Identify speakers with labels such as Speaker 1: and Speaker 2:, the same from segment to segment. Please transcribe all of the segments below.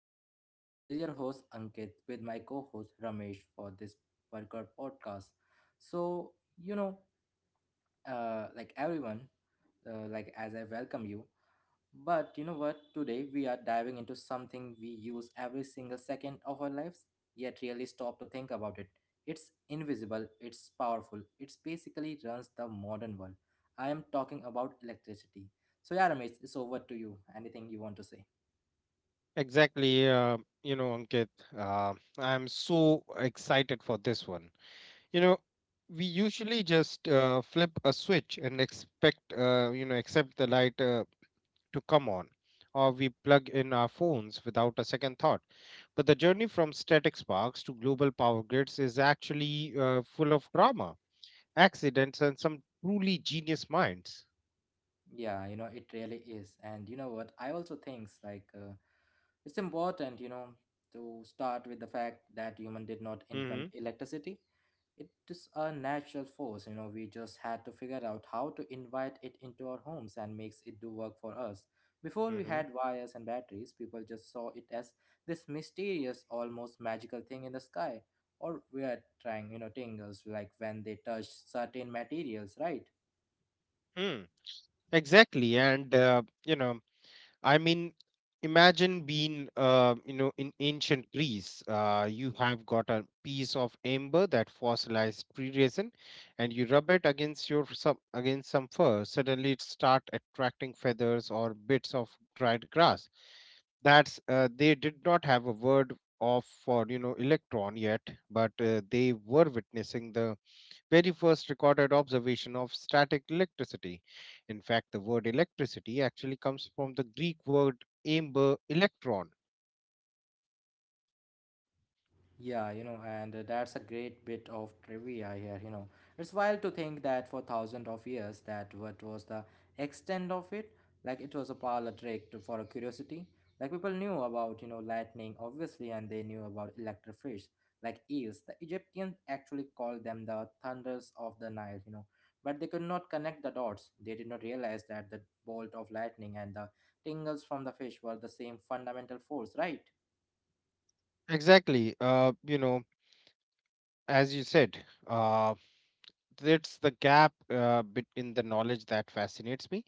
Speaker 1: podcast. This is your host Ankit with my co-host Ramesh for this particular podcast. So you know, like everyone, like as I welcome you, but you know what? Today we are diving into something we use every single second of our lives, yet really stop to think about it. It's invisible. It's powerful. It's basically runs the modern world. I am talking about electricity. So yeah, Ramesh, it's over to you. Anything you want to say?
Speaker 2: Exactly, Ankit. uh, I'm so excited for this one. You know, we usually just flip a switch and expect, accept the light to come on, or we plug in our phones without a second thought. But the journey from static sparks to global power grids is actually full of drama, accidents, and some truly genius minds.
Speaker 1: Yeah, you know, it really is. And you know what? I also think like it's important, you know, to start with the fact that human did not
Speaker 2: Mm-hmm,
Speaker 1: invent electricity. It is a natural force, you know, we just had to figure out how to invite it into our homes and makes it do work for us. Before we
Speaker 2: mm-hmm,
Speaker 1: had wires and batteries, people just saw it as this mysterious, almost magical thing in the sky or weird trying, you know, tingles like when they touched certain materials, right?
Speaker 2: mm. Exactly, and I mean, imagine being, in ancient Greece. You have got a piece of amber, that fossilized tree resin, and you rub it against your some against some fur. Suddenly, it start attracting feathers or bits of dried grass. That's they did not have a word of for electron yet, but they were witnessing the very first recorded observation of static electricity. In fact, the word electricity actually comes from the Greek word amber, electron.
Speaker 1: Yeah, you know, and that's a great bit of trivia here, you know. It's wild to think that for thousands of years that what was the extent of it, like it was a parlor trick to, for a curiosity. Like people knew about, you know, lightning obviously and they knew about electric fish, like eels. The Egyptians actually called them the thunders of the Nile, you know. But they could not connect the dots. They did not realize that the bolt of lightning and the tingles from the fish were the same fundamental force, right?
Speaker 2: Exactly. As you said, uh, it's the gap, bit in the knowledge that fascinates me.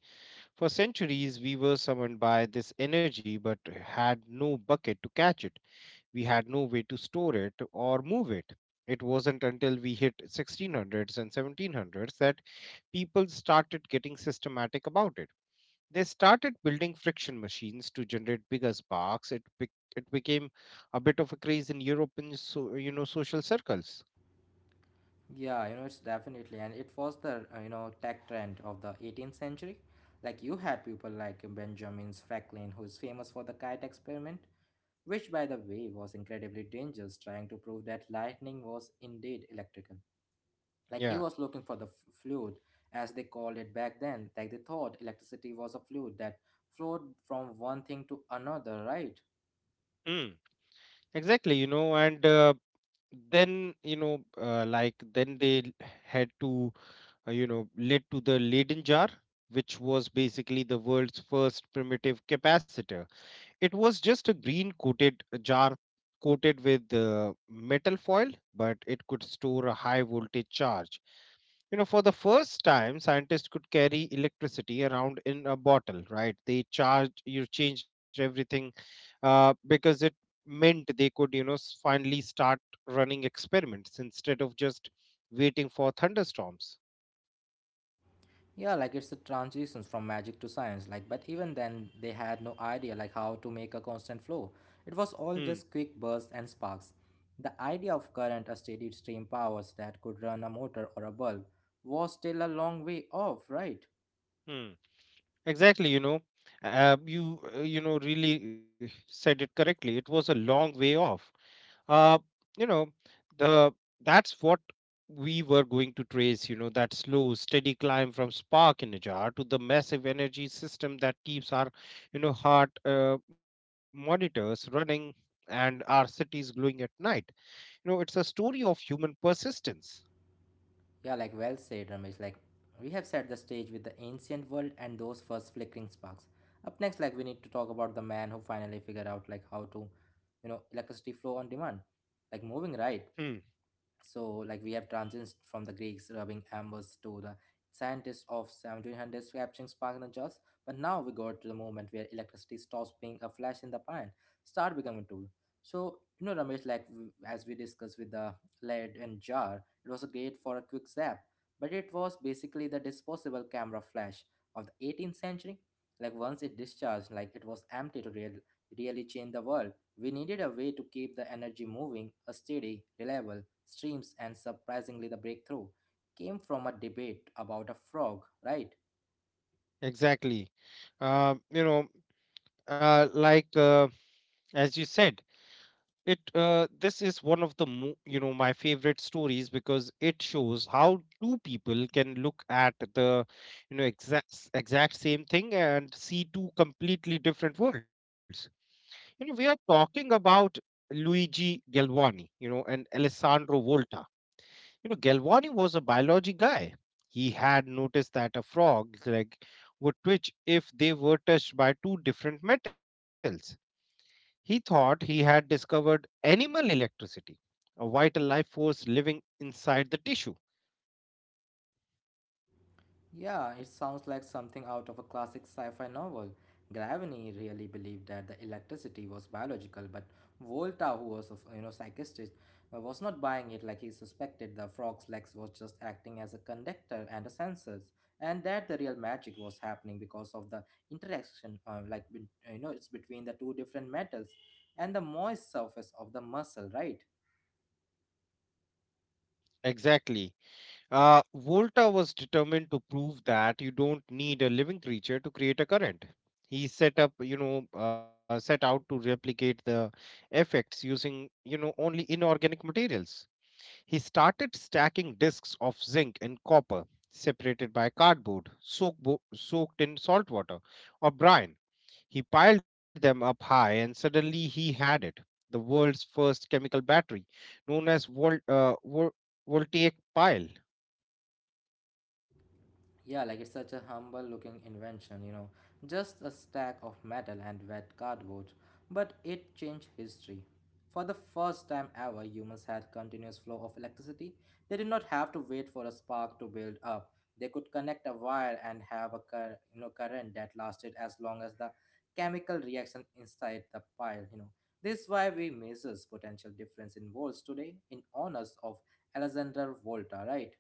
Speaker 2: For centuries, we were summoned by this energy but had no bucket to catch it. We had no way to store it or move it. It wasn't until we hit 1600s and 1700s that people started getting systematic about it. They started building friction machines to generate bigger sparks. It became a bit of a craze in European, social circles.
Speaker 1: Yeah, you know, it's definitely, and it was the you know tech trend of the 18th century. Like you had people like Benjamin Franklin, who is famous for the kite experiment, which, by the way, was incredibly dangerous, trying to prove that lightning was indeed electrical. Like he
Speaker 2: Yeah.
Speaker 1: was looking for the fluid, as they called it back then. Like they thought electricity was a fluid that flowed from one thing to another, right?
Speaker 2: Mm. Exactly. You know, and then you know, like then they l- had to, you know, led to the Leyden jar, which was basically the world's first primitive capacitor. It was just a green coated jar coated with metal foil, but it could store a high voltage charge. You know, for the first time, scientists could carry electricity around in a bottle, right? You changed everything, because it meant they could, you know, finally start running experiments instead of just waiting for thunderstorms.
Speaker 1: Yeah, like it's the transitions from magic to science. Like, but even then, they had no idea like how to make a constant flow. It was all
Speaker 2: Hmm.
Speaker 1: just quick bursts and sparks. The idea of current, a steady stream powers that could run a motor or a bulb, was still a long way off, right?
Speaker 2: Hmm. Exactly. You know, you you know really said it correctly. It was a long way off, uh you know the that's what we were going to trace, that slow steady climb from spark in a jar to the massive energy system that keeps our, heart monitors running and our cities glowing at night. You know, it's a story of human persistence.
Speaker 1: Yeah, like well said, Ramesh. Like we have set the stage with the ancient world and those first flickering sparks. Up next, like we need to talk about the man who finally figured out like how to, you know, electricity flow on demand. Like moving
Speaker 2: Hmm,
Speaker 1: right. So, like we have transitions from the Greeks rubbing ambers to the scientists of 1700s capturing sparks and jars. But now we got to the moment where electricity stops being a flash in the pan, start becoming a tool. So, you know, Ramesh, like as we discussed with the lead and jar, it was great for a quick zap, but it was basically the disposable camera flash of the 18th century. Like once it discharged, like it was empty to real, really change the world. We needed a way to keep the energy moving, a steady, reliable streams, and surprisingly, the breakthrough came from a debate about a frog, right?
Speaker 2: exactly. uh, you know uh, like uh, as you said, it this is one of the mo- you know my favorite stories, because it shows how two people can look at the, exact same thing and see two completely different worlds. You know, we are talking about Luigi Galvani, and Alessandro Volta. You know, Galvani was a biology guy. He had noticed that a frog's leg would twitch if they were touched by two different metals. He thought he had discovered animal electricity, a vital life force living inside the tissue.
Speaker 1: Yeah, it sounds like something out of a classic sci fi novel. Gravity really believed that the electricity was biological, but Volta, who was a you know psychiatrist, was not buying it like he suspected the frog's legs was just acting as a conductor and a sensors, and that the real magic was happening because of the interaction, like you know, it's between the two different metals and the moist surface of the muscle, right?
Speaker 2: Exactly. Volta was determined to prove that you don't need a living creature to create a current. He set up, you know, set out to replicate the effects using, only inorganic materials. He started stacking discs of zinc and copper separated by cardboard, soaked in salt water, or brine. He piled them up high and suddenly he had it: the world's first chemical battery, known as voltaic pile.
Speaker 1: Yeah, like it's such a humble looking invention, you know, just a stack of metal and wet cardboard. But it changed history. For the first time ever, humans had continuous flow of electricity. They did not have to wait for a spark to build up. They could connect a wire and have a you know, current that lasted as long as the chemical reaction inside the pile, you know. This is why we measure potential difference in volts today in honors of Alexander Volta, right?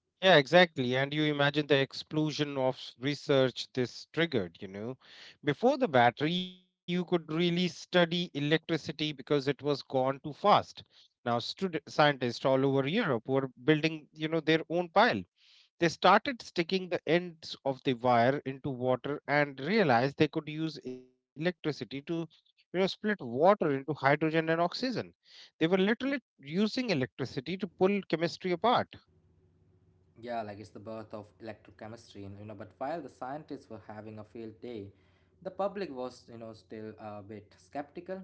Speaker 2: Yeah, exactly. And you imagine the explosion of research this triggered, you know. Before the battery, you could really study electricity because it was gone too fast. Now, scientists all over Europe were building, their own pile. They started sticking the ends of the wire into water and realized they could use electricity to, split water into hydrogen and oxygen. They were literally using electricity to pull chemistry apart.
Speaker 1: Yeah, like it's the birth of electrochemistry, and you know, but while the scientists were having a field day, the public was, you know, still a bit skeptical.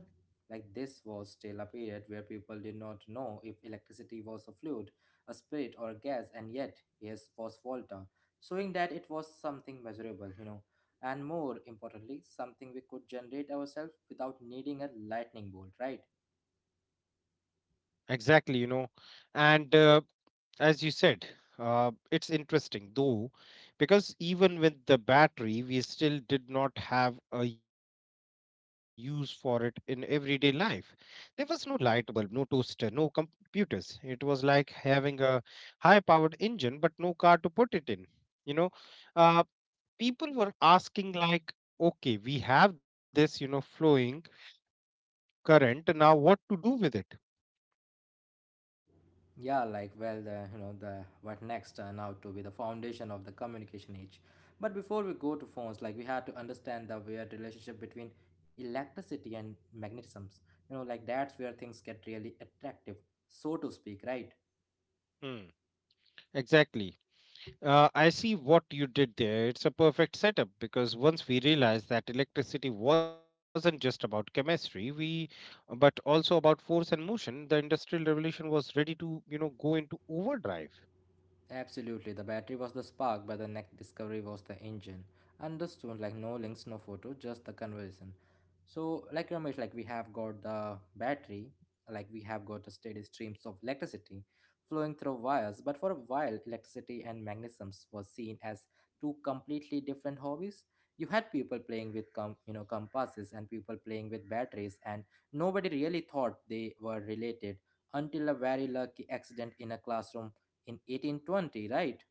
Speaker 1: Like this was still a period where people did not know if electricity was a fluid, a spirit, or a gas, and yet, yes, was Volta, showing that it was something measurable, you know, and more importantly, something we could generate ourselves without needing a lightning bolt, right?
Speaker 2: Exactly, you know. And As you said, it's interesting though, because even with the battery, we still did not have a use for it in everyday life. There was no light bulb, no toaster, no computers. It was like having a high powered engine, but no car to put it in. You know, uh, People were asking, like, okay, we have this, flowing current. Now, what to do with it?
Speaker 1: Yeah, like well, the you know the what next turn out to be the foundation of the communication age. But before we go to phones, like we had to understand the weird relationship between electricity and magnetisms. You know, like that's where things get really attractive, so to speak, right?
Speaker 2: Hmm, exactly. I see what you did there. It's a perfect setup, because once we realized that electricity wasn't just about chemistry, we but also about force and motion, the industrial revolution was ready to, go into overdrive.
Speaker 1: Absolutely, the battery was the spark, but the next discovery was the engine. Understood, like no links, no photo, just the conversation. So, like Ramesh, like we have got the battery, like we have got a steady streams of electricity flowing through wires, but for a while, electricity and magnetisms was seen as two completely different hobbies. You had people playing with you know compasses and people playing with batteries, and nobody really thought they were related until a very lucky accident in a classroom in 1820, right?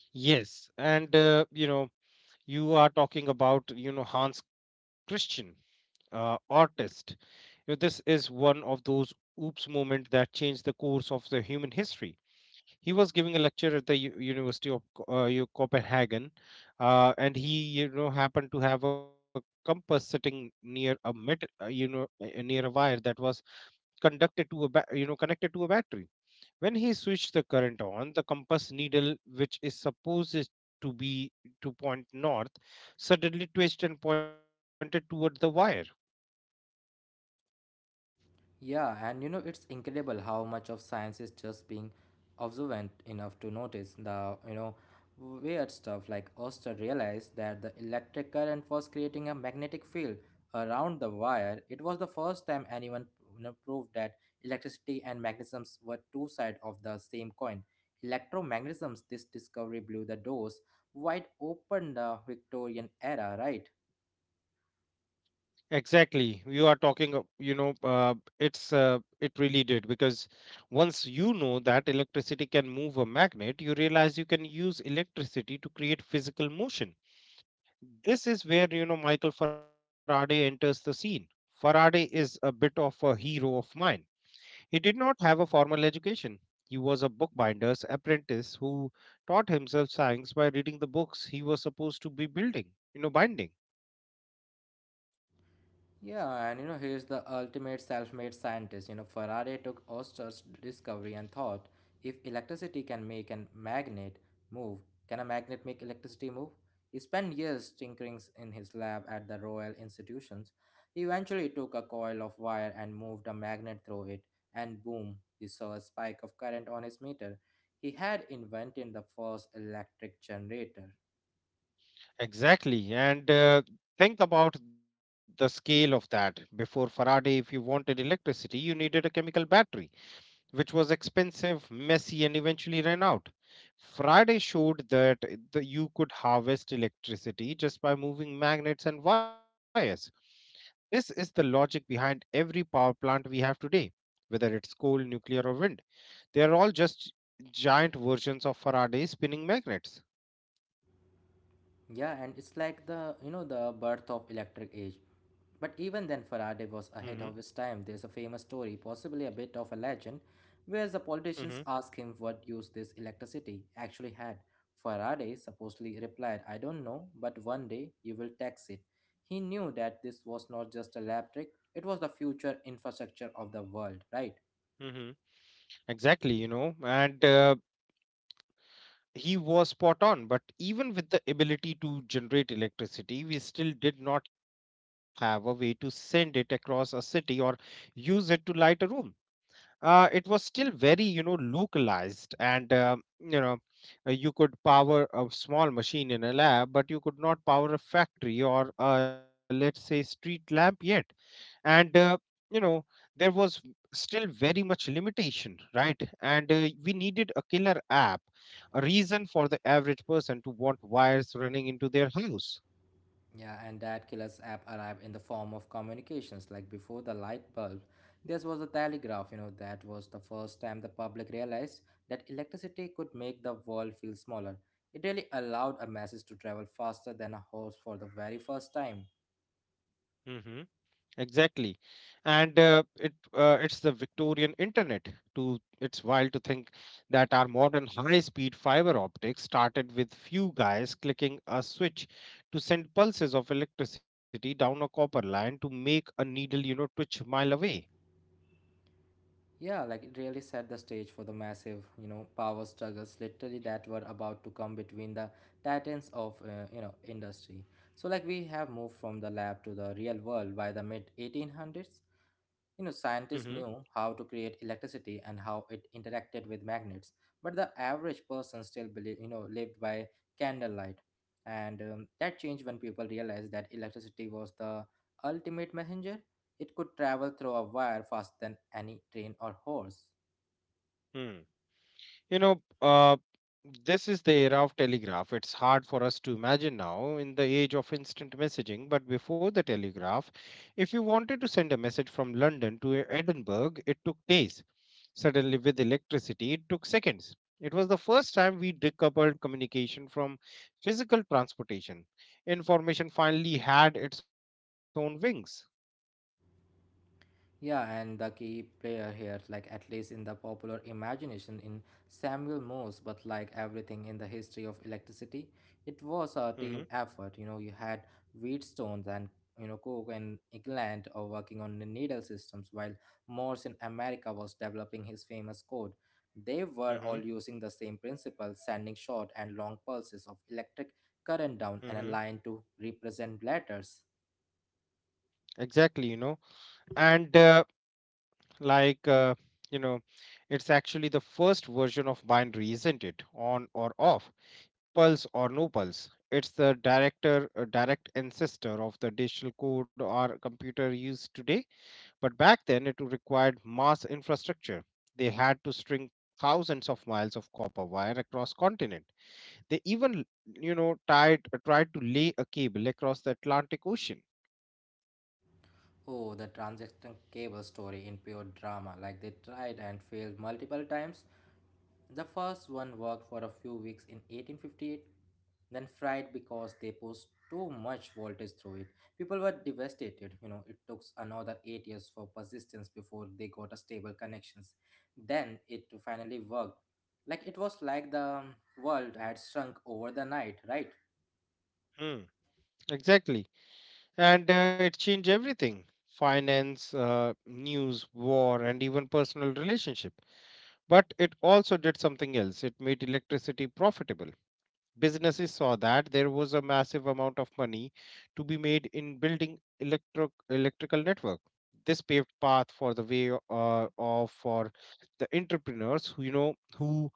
Speaker 2: Yes, and you are talking about, Hans Christian, artist. You know, this is one of those oops moment that changed the course of the human history. He was giving a lecture at the University of Copenhagen, and he, happened to have a compass sitting near a mid you know near a wire that was conducted to a ba- you know connected to a battery. When he switched the current on, the compass needle, which is supposed to be to point north, suddenly twisted and pointed toward the wire.
Speaker 1: Yeah, and you know, it's incredible how much of science is just being observant enough to notice the, you know, weird stuff. Like Oster realized that the electric current was creating a magnetic field around the wire. It was the first time anyone you know, proved that electricity and magnetism were two sides of the same coin. Electromagnetisms, this discovery blew the doors wide open the Victorian era, right?
Speaker 2: Exactly. You are talking, you know, it's It really did, because once you know that electricity can move a magnet, you realize you can use electricity to create physical motion. This is where, Michael Faraday enters the scene. Faraday is a bit of a hero of mine. He did not have a formal education. He was a bookbinder's apprentice who taught himself science by reading the books he was supposed to be binding.
Speaker 1: Yeah, and you know, he's the ultimate self made scientist. You know, Faraday took Oster's discovery and thought if electricity can make a magnet move, can a magnet make electricity move? He spent years tinkering in his lab at the Royal Institutions. He eventually took a coil of wire and moved a magnet through it, and boom, he saw a spike of current on his meter. He had invented the first electric generator.
Speaker 2: Exactly. And Think about the scale of that. Before Faraday, if you wanted electricity, you needed a chemical battery, which was expensive, messy, and eventually ran out. Faraday showed that you could harvest electricity just by moving magnets and wires. This is the logic behind every power plant we have today, whether it's coal, nuclear, or wind. They are all just giant versions of Faraday spinning magnets.
Speaker 1: Yeah, and it's like the you know the birth of electric age. But even then,
Speaker 2: Hmm.
Speaker 1: Faraday was ahead of his time. There's a famous story, possibly a bit of a legend, where the
Speaker 2: Hmm.
Speaker 1: politicians ask him what use this electricity actually had. Faraday supposedly replied, "I don't know, but one day you will tax it." He knew that this was not just a lab trick; it was the future infrastructure of the world, right?
Speaker 2: Hmm. Exactly, you know, and he was spot on. But even with the ability to generate electricity, we still did not have a way to send it across a city or use it to light a room. It was still very, localized, and you could power a small machine in a lab, but you could not power a factory or, let's say, street lamp yet. And, you know, there was still very much limitation, right? And we needed a killer app, a reason for the average person to want wires running into their house.
Speaker 1: Yeah, and that killer's app arrived in the form of communications. Like before the light bulb, this was a telegraph. You know, that was the first time the public realized that electricity could make the world feel smaller. It really allowed a message to travel faster than a horse for the very first time.
Speaker 2: Mm-hmm. Exactly. And it It's the Victorian internet. To It's wild to think that our modern high-speed fiber optics started with few guys clicking a switch to send pulses of electricity down a copper line to make a needle, twitch a mile away.
Speaker 1: Yeah, like it really set the stage for the massive, you know, power struggles literally that were about to come between the titans of, you know, industry. So like we have moved from the lab to the real world by the mid 1800s. You know,
Speaker 2: Mm-hmm.
Speaker 1: scientists knew how to create electricity and how it interacted with magnets, but the average person still believe, you know, lived by candlelight. And that changed when people realized that electricity was the ultimate messenger. It could travel through a wire faster than any train or horse.
Speaker 2: You know, uh, this is the era of telegraph. It's hard for us to imagine now in the age of instant messaging, but before the telegraph, if you wanted to send a message from London to Edinburgh, it took days. Suddenly, with electricity, it took seconds. It was the first time we decoupled communication from physical transportation. Information finally had its own wings.
Speaker 1: Yeah, and the key player here, like at least in the popular imagination, in Samuel Morse, but like everything in the history of electricity, it was a
Speaker 2: Hmm.
Speaker 1: team effort. You know, you had Wheatstones and you know Cook and England are working on the needle systems, while Morse in America was developing his famous code. They were
Speaker 2: Hmm.
Speaker 1: all using the same principle, sending short and long pulses of electric current down an a
Speaker 2: Hmm.
Speaker 1: line to represent letters.
Speaker 2: Exactly, you know. And uh, like uh, you know it's actually the first version of binary, isn't it? On or off, pulse or no pulse. It's the direct ancestor of the digital code our computer use today. But back then it required mass infrastructure. They had to string thousands of miles of copper wire across continent. They even, tied tried to lay a cable across the Atlantic Ocean.
Speaker 1: Oh, the transaction cable story in pure drama. Like they tried and failed multiple times. The first one worked for a few weeks in 1858, then fried because they pushed too much voltage through it. People were devastated. You know, it took another 8 years for persistence before they got a stable connections. Then it finally worked. Like it was like the world had shrunk over the night, right?
Speaker 2: Hmm, exactly, and it changed everything: finance, news, war, and even personal relationship. But it also did something else: it made electricity profitable. Businesses saw that there was a massive amount of money to be made in building electrical network. This paved path for the way, of for the entrepreneurs who, who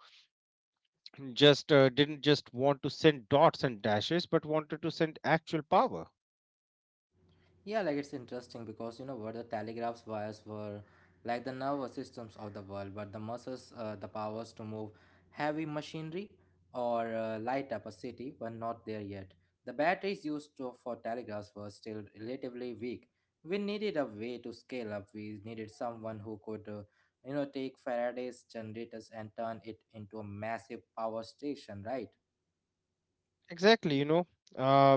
Speaker 2: just didn't just want to send dots and dashes, but wanted to send actual power.
Speaker 1: Yeah, like it's interesting because you know what the telegraph's wires were like the nervous systems of the world, but the muscles, the powers to move heavy machinery or light up a city were not there yet. The batteries for telegraphs were still relatively weak. We needed a way to scale up. We needed someone who could, take Faraday's generators and turn it into a massive power station, right?
Speaker 2: Exactly, you know. Uh,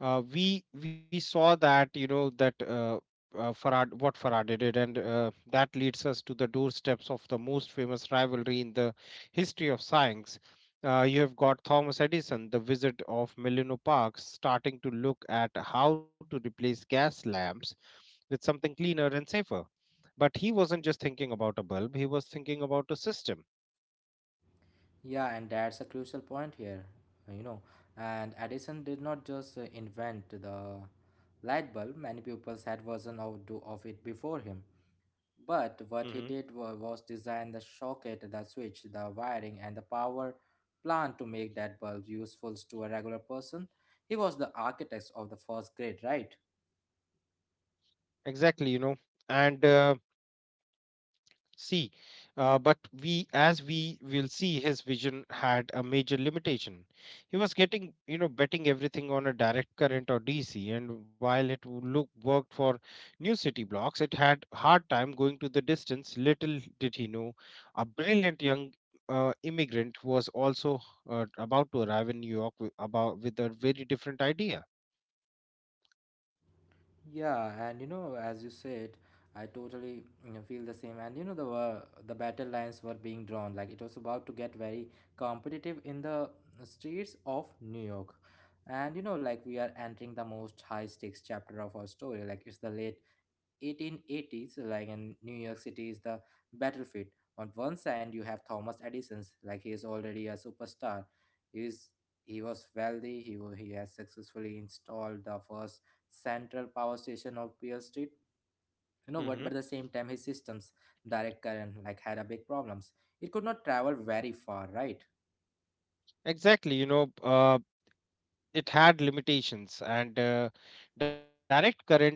Speaker 2: we saw that, that Farad what Faraday did, and that leads us to the doorsteps of the most famous rivalry in the history of science. You have got Thomas Edison, the wizard of Menlo Park, starting to look at how to replace gas lamps with something cleaner and safer. But he wasn't just thinking about a bulb; he was thinking about a system.
Speaker 1: Yeah, and that's a crucial point here, uh, you know. And Edison did not just invent the light bulb, many people had version of it before him. But what he
Speaker 2: Hmm.
Speaker 1: did was design the socket, the switch, the wiring, and the power plant to make that bulb useful to a regular person. He was the architect of the first grid, right?
Speaker 2: Exactly, you know, and. See But we as we will see, his vision had a major limitation. He was getting you know betting everything on a direct current, or dc, and while it would look worked for new city blocks, it had hard time going to the distance. Little did he know, a brilliant young immigrant was also about to arrive in new york wi- about with a very different idea.
Speaker 1: Yeah, and you know, as you said, I totally you know, feel the same. And you know, the battle lines were being drawn. Like it was about to get very competitive in the streets of New York. And you know, like we are entering the most high stakes chapter of our story. Like it's the late 1880s, like in New York City, is the battlefield. On one side, you have Thomas Edison's, like he is already a superstar. He is he was wealthy. He has successfully installed the first central power station of Beale Street. You know
Speaker 2: Mhm.
Speaker 1: what? But at the same time, his systems, direct current, like had a big problems. It could not travel very far, right?
Speaker 2: Exactly, it had limitations, and direct current is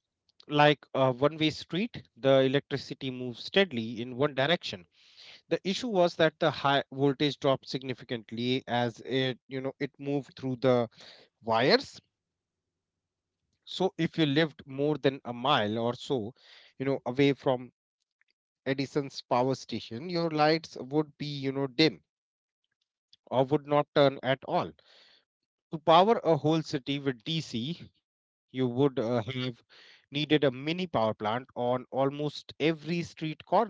Speaker 2: like a one way street. The electricity moves steadily in one direction. The issue was that the high voltage dropped significantly as it you know it moved through the wires. So if you lived more than a mile or so, you know, away from edison's power station, your lights would be, you know, dim or would not turn at all. To power a whole city with DC, you would have needed a mini power plant on almost every street corner.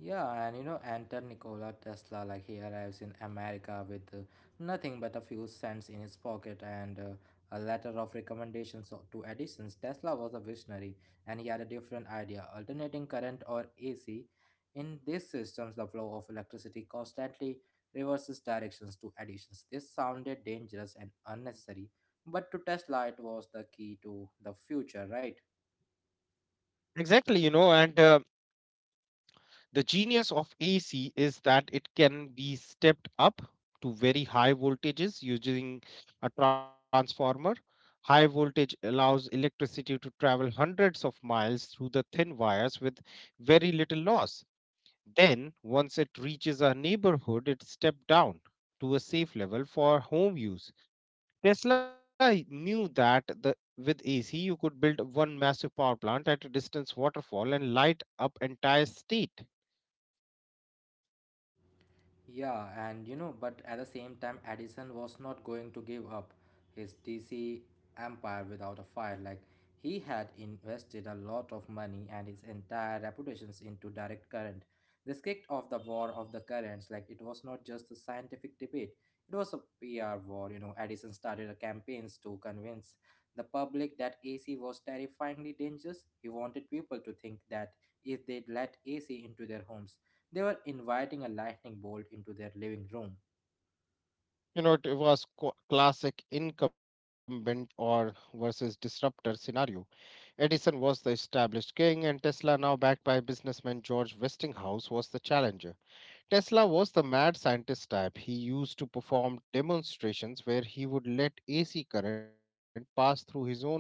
Speaker 1: Yeah, and you know, enter Nikola Tesla. Like he arrives in America with nothing but a few cents in his pocket and a letter of recommendations to Edison's. Tesla was a visionary, and he had a different idea: alternating current or AC. In these systems, the flow of electricity constantly reverses directions to Edison's. This sounded dangerous and unnecessary, but to Tesla, it was the key to the future, right?
Speaker 2: Exactly, you know, and the genius of AC is that it can be stepped up to very high voltages using a transformer. High voltage allows electricity to travel hundreds of miles through the thin wires with very little loss. Then, once it reaches our neighborhood, it stepped down to a safe level for home use. Tesla knew that, with AC, you could build one massive power plant at a distance waterfall and light up entire state.
Speaker 1: Yeah, and you know, but at the same time, Edison was not going to give up his DC empire without a fight. Like, he had invested a lot of money and his entire reputations into direct current. This kicked off the war of the currents. Like, it was not just a scientific debate, it was a PR war. You know, Edison started a campaigns to convince the public that AC was terrifyingly dangerous. He wanted people to think that if they let AC into their homes, they were inviting a lightning bolt into their living room.
Speaker 2: You know, it was classic incumbent or versus disruptor scenario. Edison was the established king, and Tesla, now backed by businessman George Westinghouse, was the challenger. Tesla was the mad scientist type. He used to perform demonstrations where he would let AC current pass through his own body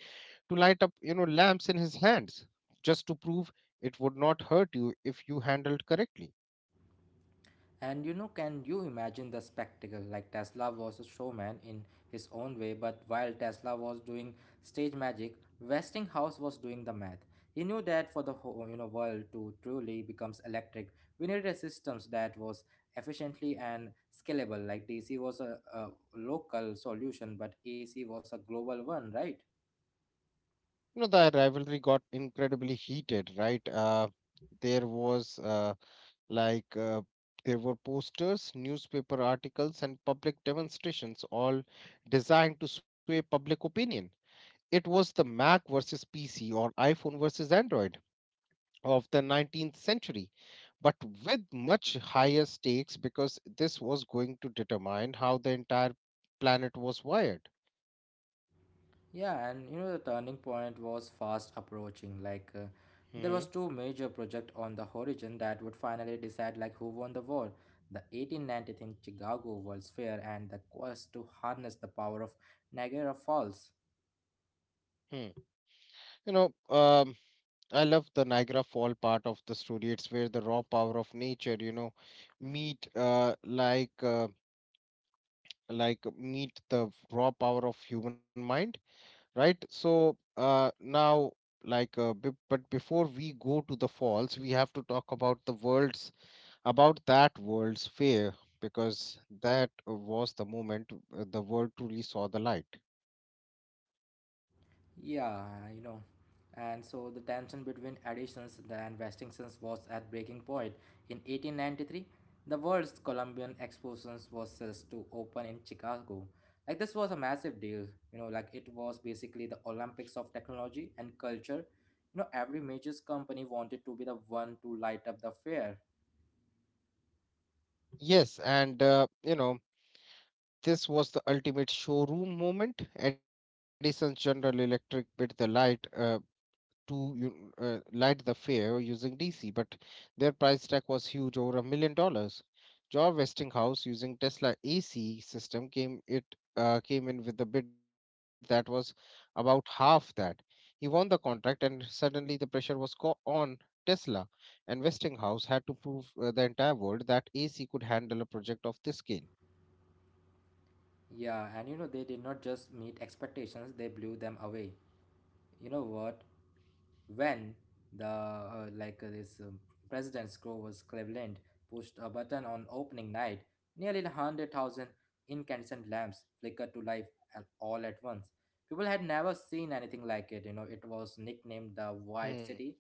Speaker 2: to light up, you know, lamps in his hands, just to prove it would not hurt you if you handled correctly.
Speaker 1: And you know, can you imagine the spectacle? Like Tesla was a showman in his own way, but while Tesla was doing stage magic, Westinghouse was doing the math. He knew that for the whole you know world to truly becomes electric, we needed a system that was efficiently and scalable. Like DC was a local solution, but AC was a global one, right?
Speaker 2: You know, the rivalry got incredibly heated, right? There was like There were posters, newspaper articles, and public demonstrations all designed to sway public opinion. It was the Mac versus PC or iPhone versus Android of the 19th century, but with much higher stakes, because this was going to determine how the entire planet was wired.
Speaker 1: Yeah, and you know the turning point was fast approaching. Like there
Speaker 2: Hmm.
Speaker 1: was two major project on the horizon that would finally decide like who won the war: the 1893 Chicago World's Fair and the quest to harness the power of Niagara Falls.
Speaker 2: Hmm. You know, um, I love the Niagara Fall part of the story. It's where the raw power of nature, you know, meet like meet the raw power of human mind, right? But before we go to the falls, we have to talk about the world's about that world's fair, because that was the moment the world truly saw the light.
Speaker 1: Yeah, you know. And so the tension between additions and Westinghouse was at breaking point. In 1893, the world's Columbian Exposition was set to open in Chicago. Like this was a massive deal, you know, like it was basically the Olympics of technology and culture. You know, every major company wanted to be the one to light up the fair.
Speaker 2: Yes, and you know, this was the ultimate showroom moment. Edison's general electric bid the light to you light the fair using DC, but their price tag was huge, over $1 million. George Westinghouse, using Tesla AC system, came in with a bid that was about half that. He won the contract, and suddenly the pressure was on Tesla, and Westinghouse had to prove the entire world that AC could handle a project of this scale.
Speaker 1: Yeah, and you know, they did not just meet expectations, they blew them away. You know what? When the like this president's Grover's Cleveland pushed a button on opening night, nearly 100,000 incandescent lamps flickered to life all at once. People had never seen anything like it. You know, it was nicknamed the
Speaker 2: Hmm.
Speaker 1: White City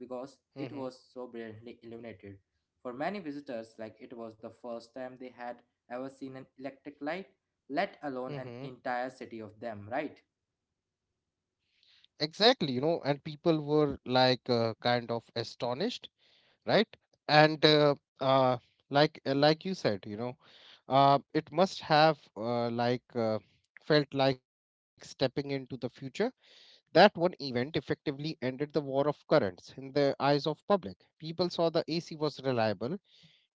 Speaker 1: because
Speaker 2: Mm-hmm.
Speaker 1: it was so brilliantly illuminated. For many visitors, like it was the first time they had ever seen an electric light, let alone an
Speaker 2: Mm-hmm.
Speaker 1: entire city of them, right?
Speaker 2: Exactly, you know, and people were like, kind of astonished, right? And uh, like you said, you know, it must have felt like stepping into the future. That one event effectively ended the war of currents in the eyes of public. People saw the ac was reliable,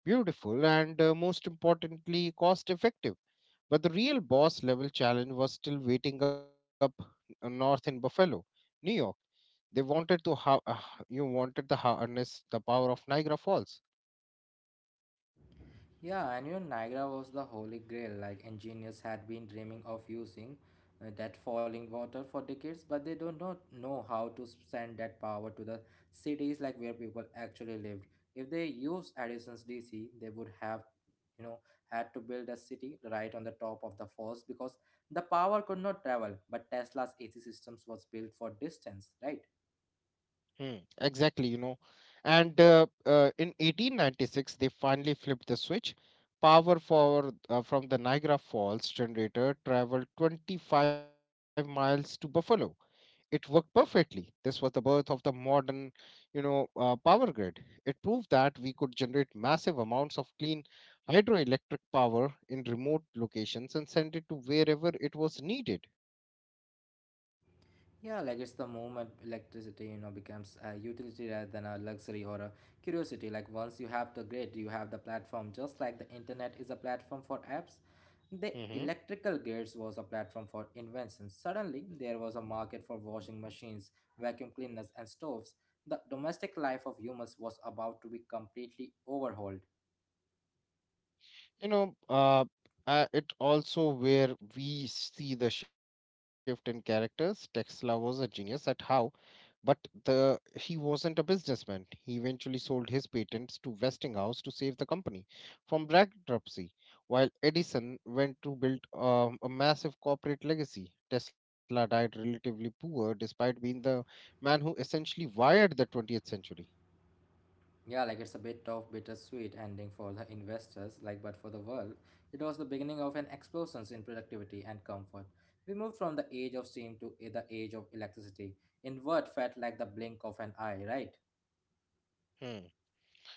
Speaker 2: beautiful, and most importantly, cost effective. But the real boss level challenge was still waiting up north in buffalo, new york. They wanted to how you wanted the harness the power of niagara falls.
Speaker 1: Yeah, and you Niagara was the holy grail. Like engineers had been dreaming of using that falling water for decades, but they do not know how to send that power to the cities like where people actually lived. If they used Edison's DC, they would have, you know, had to build a city right on the top of the falls because the power could not travel. But Tesla's AC systems was built for distance, right?
Speaker 2: Hmm, exactly, you know. And In 1896, they finally flipped the switch. Power from the Niagara Falls generator traveled 25 miles to Buffalo. It worked perfectly. This was the birth of the modern, power grid. It proved that we could generate massive amounts of clean hydroelectric power in remote locations and send it to wherever it was needed.
Speaker 1: Yeah, like it's the moment electricity, you know, becomes a utility rather than a luxury or a curiosity. Like once you have the grid, you have the platform. Just like the internet is a platform for apps, the electrical grids was a platform for inventions. Suddenly, there was a market for washing machines, vacuum cleaners, and stoves. The domestic life of humans was about to be completely overhauled.
Speaker 2: You know, uh, it also where we see the shift in characters. Tesla was a genius at how, but the he wasn't a businessman. He eventually sold his patents to Westinghouse to save the company from bankruptcy, while Edison went to build a massive corporate legacy. Tesla died relatively poor despite being the man who essentially wired the 20th century.
Speaker 1: Yeah, like it's a bit of bittersweet ending for the investors, like but for the world, it was the beginning of an explosion in productivity and comfort. We moved from the age of steam to the age of electricity. Inward felt like the blink of an eye, right?
Speaker 2: Hmm.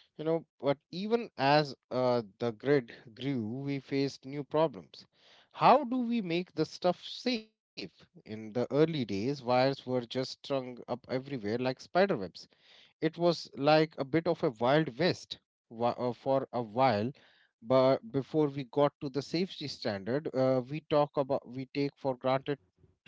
Speaker 2: You know, but even as the grid grew, we faced new problems. How do we make the stuff safe? In the early days, wires were just strung up everywhere like spider webs. It was like a bit of a wild west for a while. But before we got to the safety standard, we talk about we take for granted today.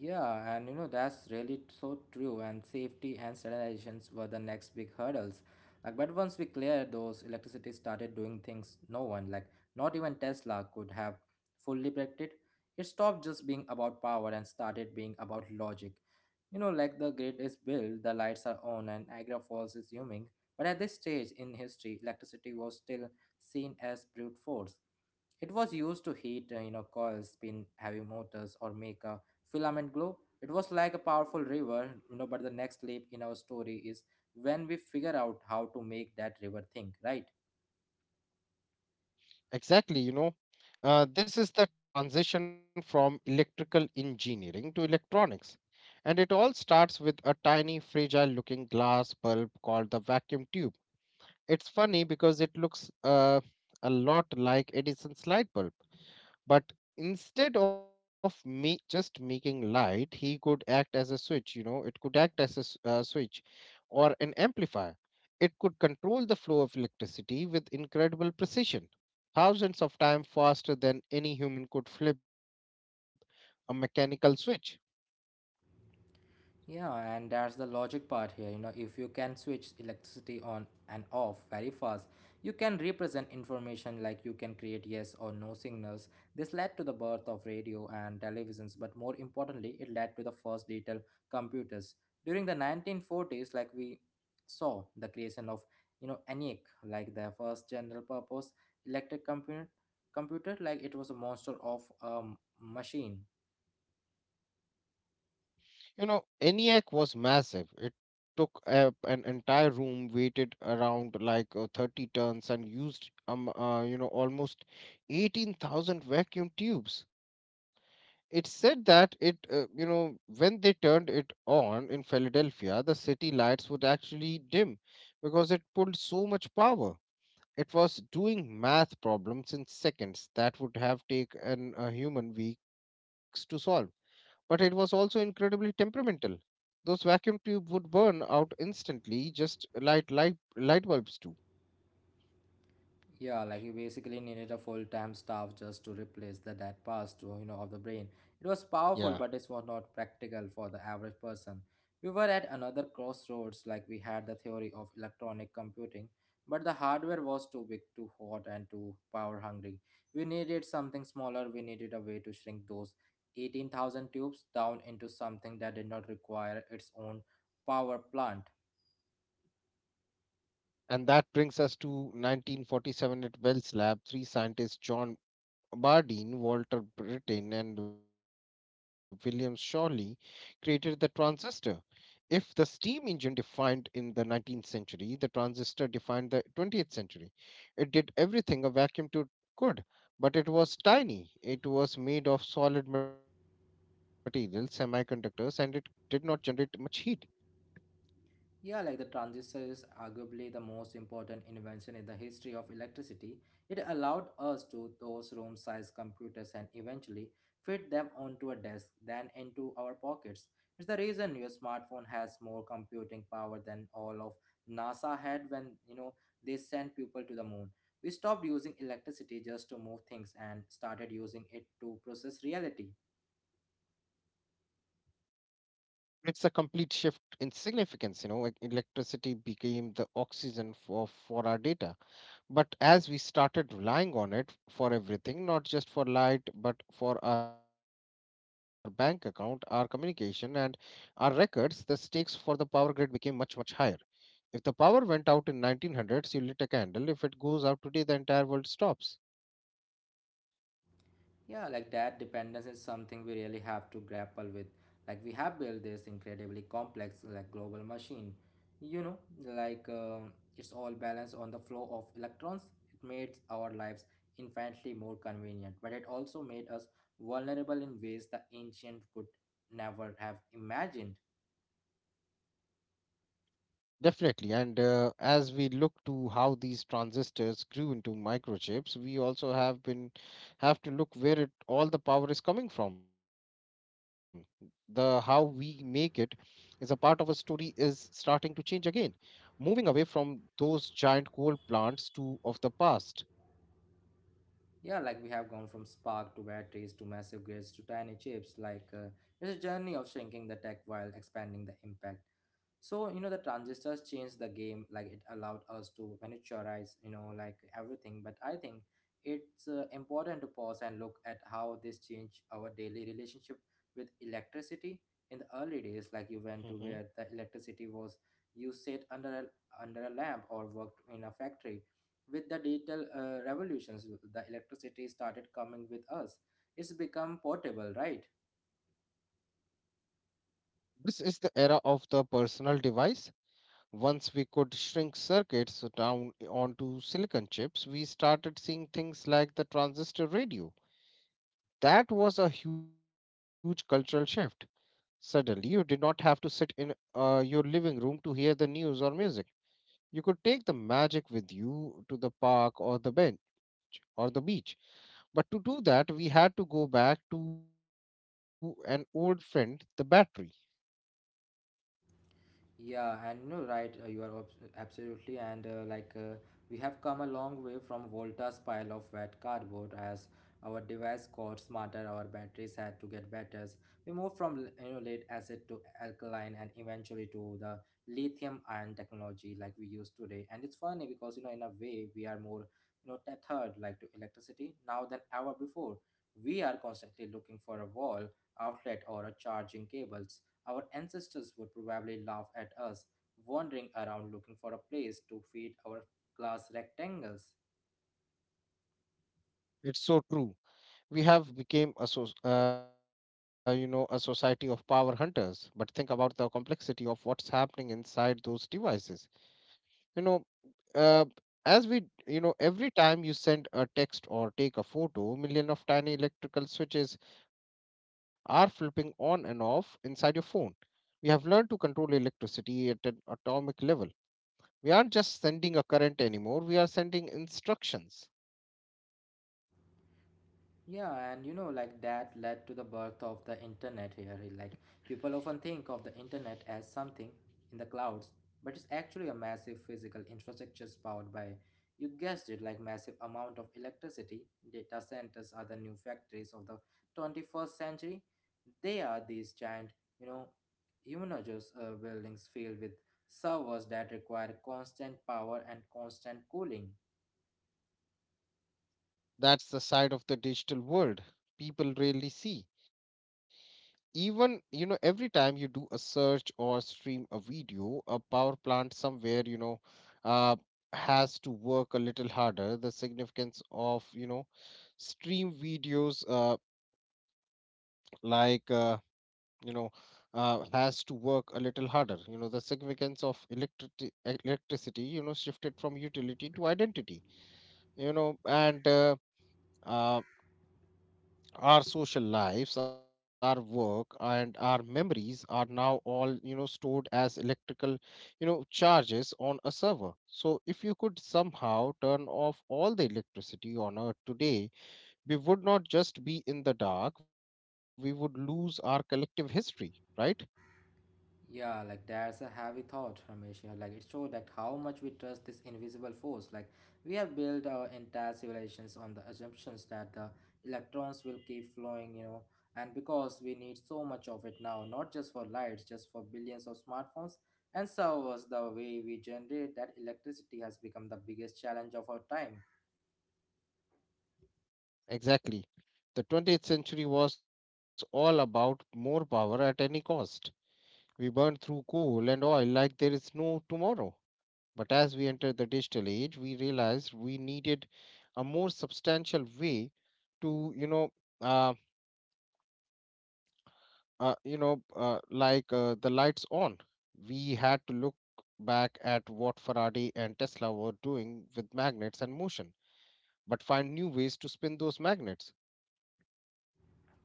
Speaker 1: Yeah, and you know, that's really so true. And safety and standardizations were the next big hurdles. Like, but once we cleared those, electricity started doing things no one, like not even Tesla, could have fully predicted. It stopped just being about power and started being about logic. You know, like the grid is built, the lights are on, and Niagara Falls is humming. But at this stage in history, electricity was still seen as brute force. It was used to heat, you know, coils, spin heavy motors, or make a filament glow. It was like a powerful river, you know, but the next leap in our story is when we figure out how to make that river think, right?
Speaker 2: Exactly, you know, this is the transition from electrical engineering to electronics. And it all starts with a tiny, fragile looking glass bulb called the vacuum tube. It's funny because it looks a lot like Edison's light bulb, but instead of me just making light, he could act as a switch. You know, it could act as a switch or an amplifier. It could control the flow of electricity with incredible precision, thousands of times faster than any human could flip a mechanical switch.
Speaker 1: Yeah, and that's the logic part here. You know, if you can switch electricity on and off very fast, you can represent information like you can create yes or no signals. This led to the birth of radio and televisions, but more importantly, it led to the first digital computers. During the 1940s, like we saw the creation of, you know, ENIAC, like the first general purpose electric computer, computer like it was a monster of a machine.
Speaker 2: You know, ENIAC was massive. It took up an entire room, weighted around like, 30 tons, and used you know, almost 18,000 vacuum tubes. It said that it, you know, when they turned it on in Philadelphia, the city lights would actually dim because it pulled so much power. It was doing math problems in seconds that would have taken a human weeks to solve, but it was also incredibly temperamental. Those vacuum tubes would burn out instantly, just light bulbs do.
Speaker 1: Yeah, like you basically needed a full-time staff just to replace the dead past, to, you know, of the brain. It was powerful, but it
Speaker 2: Yeah.
Speaker 1: was not practical for the average person. We were at another crossroads, like we had the theory of electronic computing, but the hardware was too big, too hot, and too power-hungry. We needed something smaller. We needed a way to shrink those 18,000 tubes down into something that did not require its own power plant.
Speaker 2: And that brings us to 1947 at Bell's lab. Three scientists, John Bardeen, Walter Brittain, and William Shawley, created the transistor. If the steam engine defined in the 19th century, the transistor defined the 20th century. It did everything a vacuum tube could, but it was tiny. It was made of solid materials, semiconductors, and it did not generate much heat.
Speaker 1: Yeah, like the transistor is arguably the most important invention in the history of electricity. It allowed us to those room sized computers and eventually fit them onto a desk than into our pockets. It's the reason your smartphone has more computing power than all of NASA had when you know they sent people to the moon. We stopped using electricity just to move things and started using it to process reality.
Speaker 2: It's a complete shift in significance. You know, electricity became the oxygen for, our data. But as we started relying on it for everything, not just for light, but for our bank account, our communication, and our records, the stakes for the power grid became much, much higher. If the power went out in 1900s, you lit a candle. If it goes out today, the entire world stops.
Speaker 1: Yeah, like that dependence is something we really have to grapple with. Like we have built this incredibly complex, like global machine. You know, like it's all balanced on the flow of electrons. It made our lives infinitely more convenient, but it also made us vulnerable in ways the ancient could never have imagined.
Speaker 2: Definitely. And as we look to how these transistors grew into microchips, we also have to look where it all the power is coming from. The how we make it is a part of a story is starting to change again, moving away from those giant coal plants to of the past.
Speaker 1: Yeah, like we have gone from spark to batteries to massive grids to tiny chips. Like it's a journey of shrinking the tech while expanding the impact. So, you know, the transistors changed the game. Like, it allowed us to miniaturize, you know, like everything. But I think it's important to pause and look at how this changed our daily relationship with electricity. In the early days,
Speaker 2: Hmm.
Speaker 1: like you went to where the electricity was, you sat under under a lamp or worked in a factory. With the digital revolutions, the electricity started coming with us. It's become portable, right?
Speaker 2: This is the era of the personal device. Once we could shrink circuits down onto silicon chips, we started seeing things like the transistor radio. That was a huge cultural shift. Suddenly, you did not have to sit in your living room to hear the news or music. You could take the magic with you to the park or the bench or the beach. But to do that, we had to go back to an old friend, the battery.
Speaker 1: Yeah, and you know right, you are absolutely, and we have come a long way from Volta's pile of wet cardboard as our device got smarter, our batteries had to get better. We moved from you know lead acid to alkaline, and eventually to the lithium ion technology like we use today. And it's funny because you know in a way we are more you know tethered like to electricity now than ever before. We are constantly looking for a wall outlet or a charging cable our ancestors would probably laugh at us wandering around looking for a place to feed our glass rectangles.
Speaker 2: It's so true. We have become a so, you know, a society of power hunters. But think about the complexity of what's happening inside those devices, you know. uh, as we every time you send a text or take a photo, million of tiny electrical switches are flipping on and off inside your phone. We have learned to control electricity at an atomic level. We aren't just sending a current anymore, we are sending instructions.
Speaker 1: Yeah, and you know, like that led to the birth of the internet here. Right? Like, people often think of the internet as something in the clouds, but it's actually a massive physical infrastructure powered by, you guessed it, like massive amount of electricity. Data centers are the new factories of the 21st century. They are these giant, you know, humongous buildings filled with servers that require constant power and constant cooling.
Speaker 2: That's the side of the digital world people rarely see. Even, you know, every time you do a search or stream a video, a power plant somewhere, uh, has to work a little harder. The significance of, you know, stream videos like you know has to work a little harder you know the significance of electricity electricity, you know, shifted from utility to identity. You know and uh, our social lives, our work, and our memories are now all, you know, stored as electrical, you know, charges on a server. So if you could somehow turn off all the electricity on earth today, we would not just be in the dark, we would lose our collective history, right?
Speaker 1: Yeah, like that's a heavy thought, Ramesh. Yeah, like it showed that how much we trust this invisible force. Like we have built our entire civilizations on the assumptions that the electrons will keep flowing, and because we need so much of it now, not just for lights, just for billions of smartphones and servers, the way we generate that electricity has become the biggest challenge of our time.
Speaker 2: Exactly. The 20th century was all about more power at any cost. We burned through coal and oil like there is no tomorrow. But as we entered the digital age, we realized we needed a more substantial way to, you know, uh, the lights on. We had to look back at what Faraday and Tesla were doing with magnets and motion, but find new ways to spin those magnets.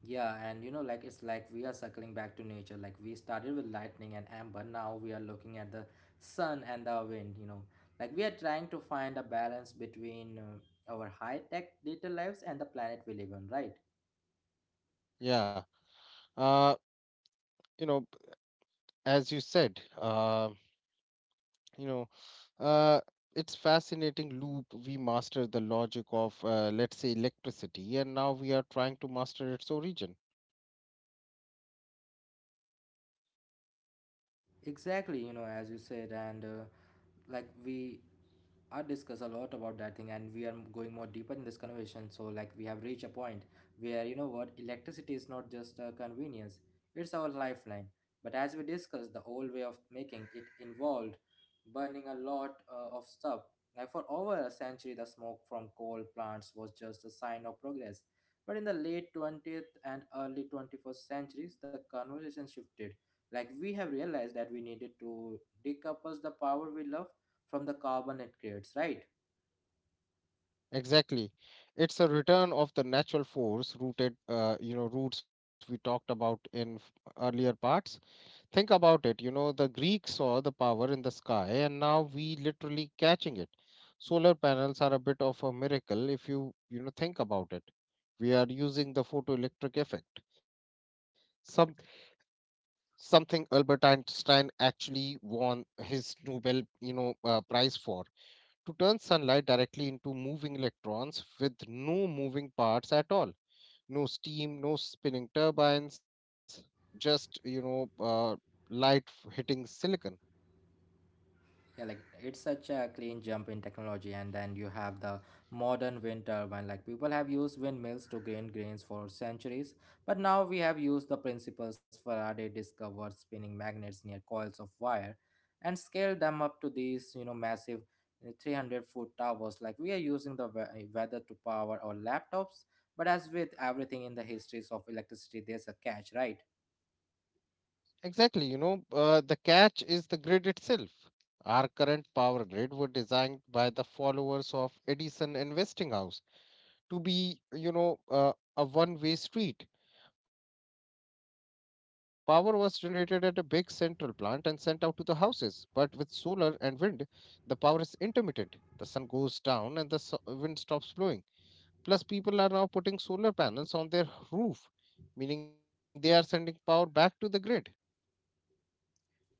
Speaker 1: Yeah, like it's like we are circling back to nature. Like we started with lightning and amber, now we are looking at the sun and the wind. Like we are trying to find a balance between our high tech digital lives and the planet we live on, right?
Speaker 2: Yeah, uh, you know, as you said, you know. Uh, it's fascinating loop. We mastered the logic of, let's say, electricity, and now we are trying to master its origin.
Speaker 1: Exactly, as you said, and like we I discuss a lot about that thing, and we are going more deeper in this conversation. So, like, we have reached a point where what electricity is not just a convenience; it's our lifeline. But as we discussed, the old way of making it involved burning a lot of stuff. Like for over a century, the smoke from coal plants was just a sign of progress. But in the late 20th and early 21st centuries, the conversation shifted. Like we have realized that we needed to decouple the power we love from the carbon it creates, right?
Speaker 2: Exactly. It's a return of the natural force rooted, roots we talked about in earlier parts. Think about it. The Greeks saw the power in the sky, and now we literally catching it. Solar panels are a bit of a miracle if you think about it. We are using the photoelectric effect, something Albert Einstein actually won his Nobel, prize for, to turn sunlight directly into moving electrons with no moving parts at all, no steam, no spinning turbines, just light hitting silicon.
Speaker 1: Yeah, like it's such a clean jump in technology, and then you have the modern wind turbine. Like people have used windmills to gain grains for centuries, but now we have used the principles Faraday discovered spinning magnets near coils of wire, and scaled them up to these, massive 300-foot towers. Like we are using the weather to power our laptops, but as with everything in the histories of electricity, there's a catch, right?
Speaker 2: Exactly, the catch is the grid itself. Our current power grid were designed by the followers of Edison and Westinghouse to be, a one-way street. Power was generated at a big central plant and sent out to the houses, but with solar and wind, the power is intermittent. The sun goes down and the wind stops blowing. Plus, people are now putting solar panels on their roof, meaning they are sending power back to the grid.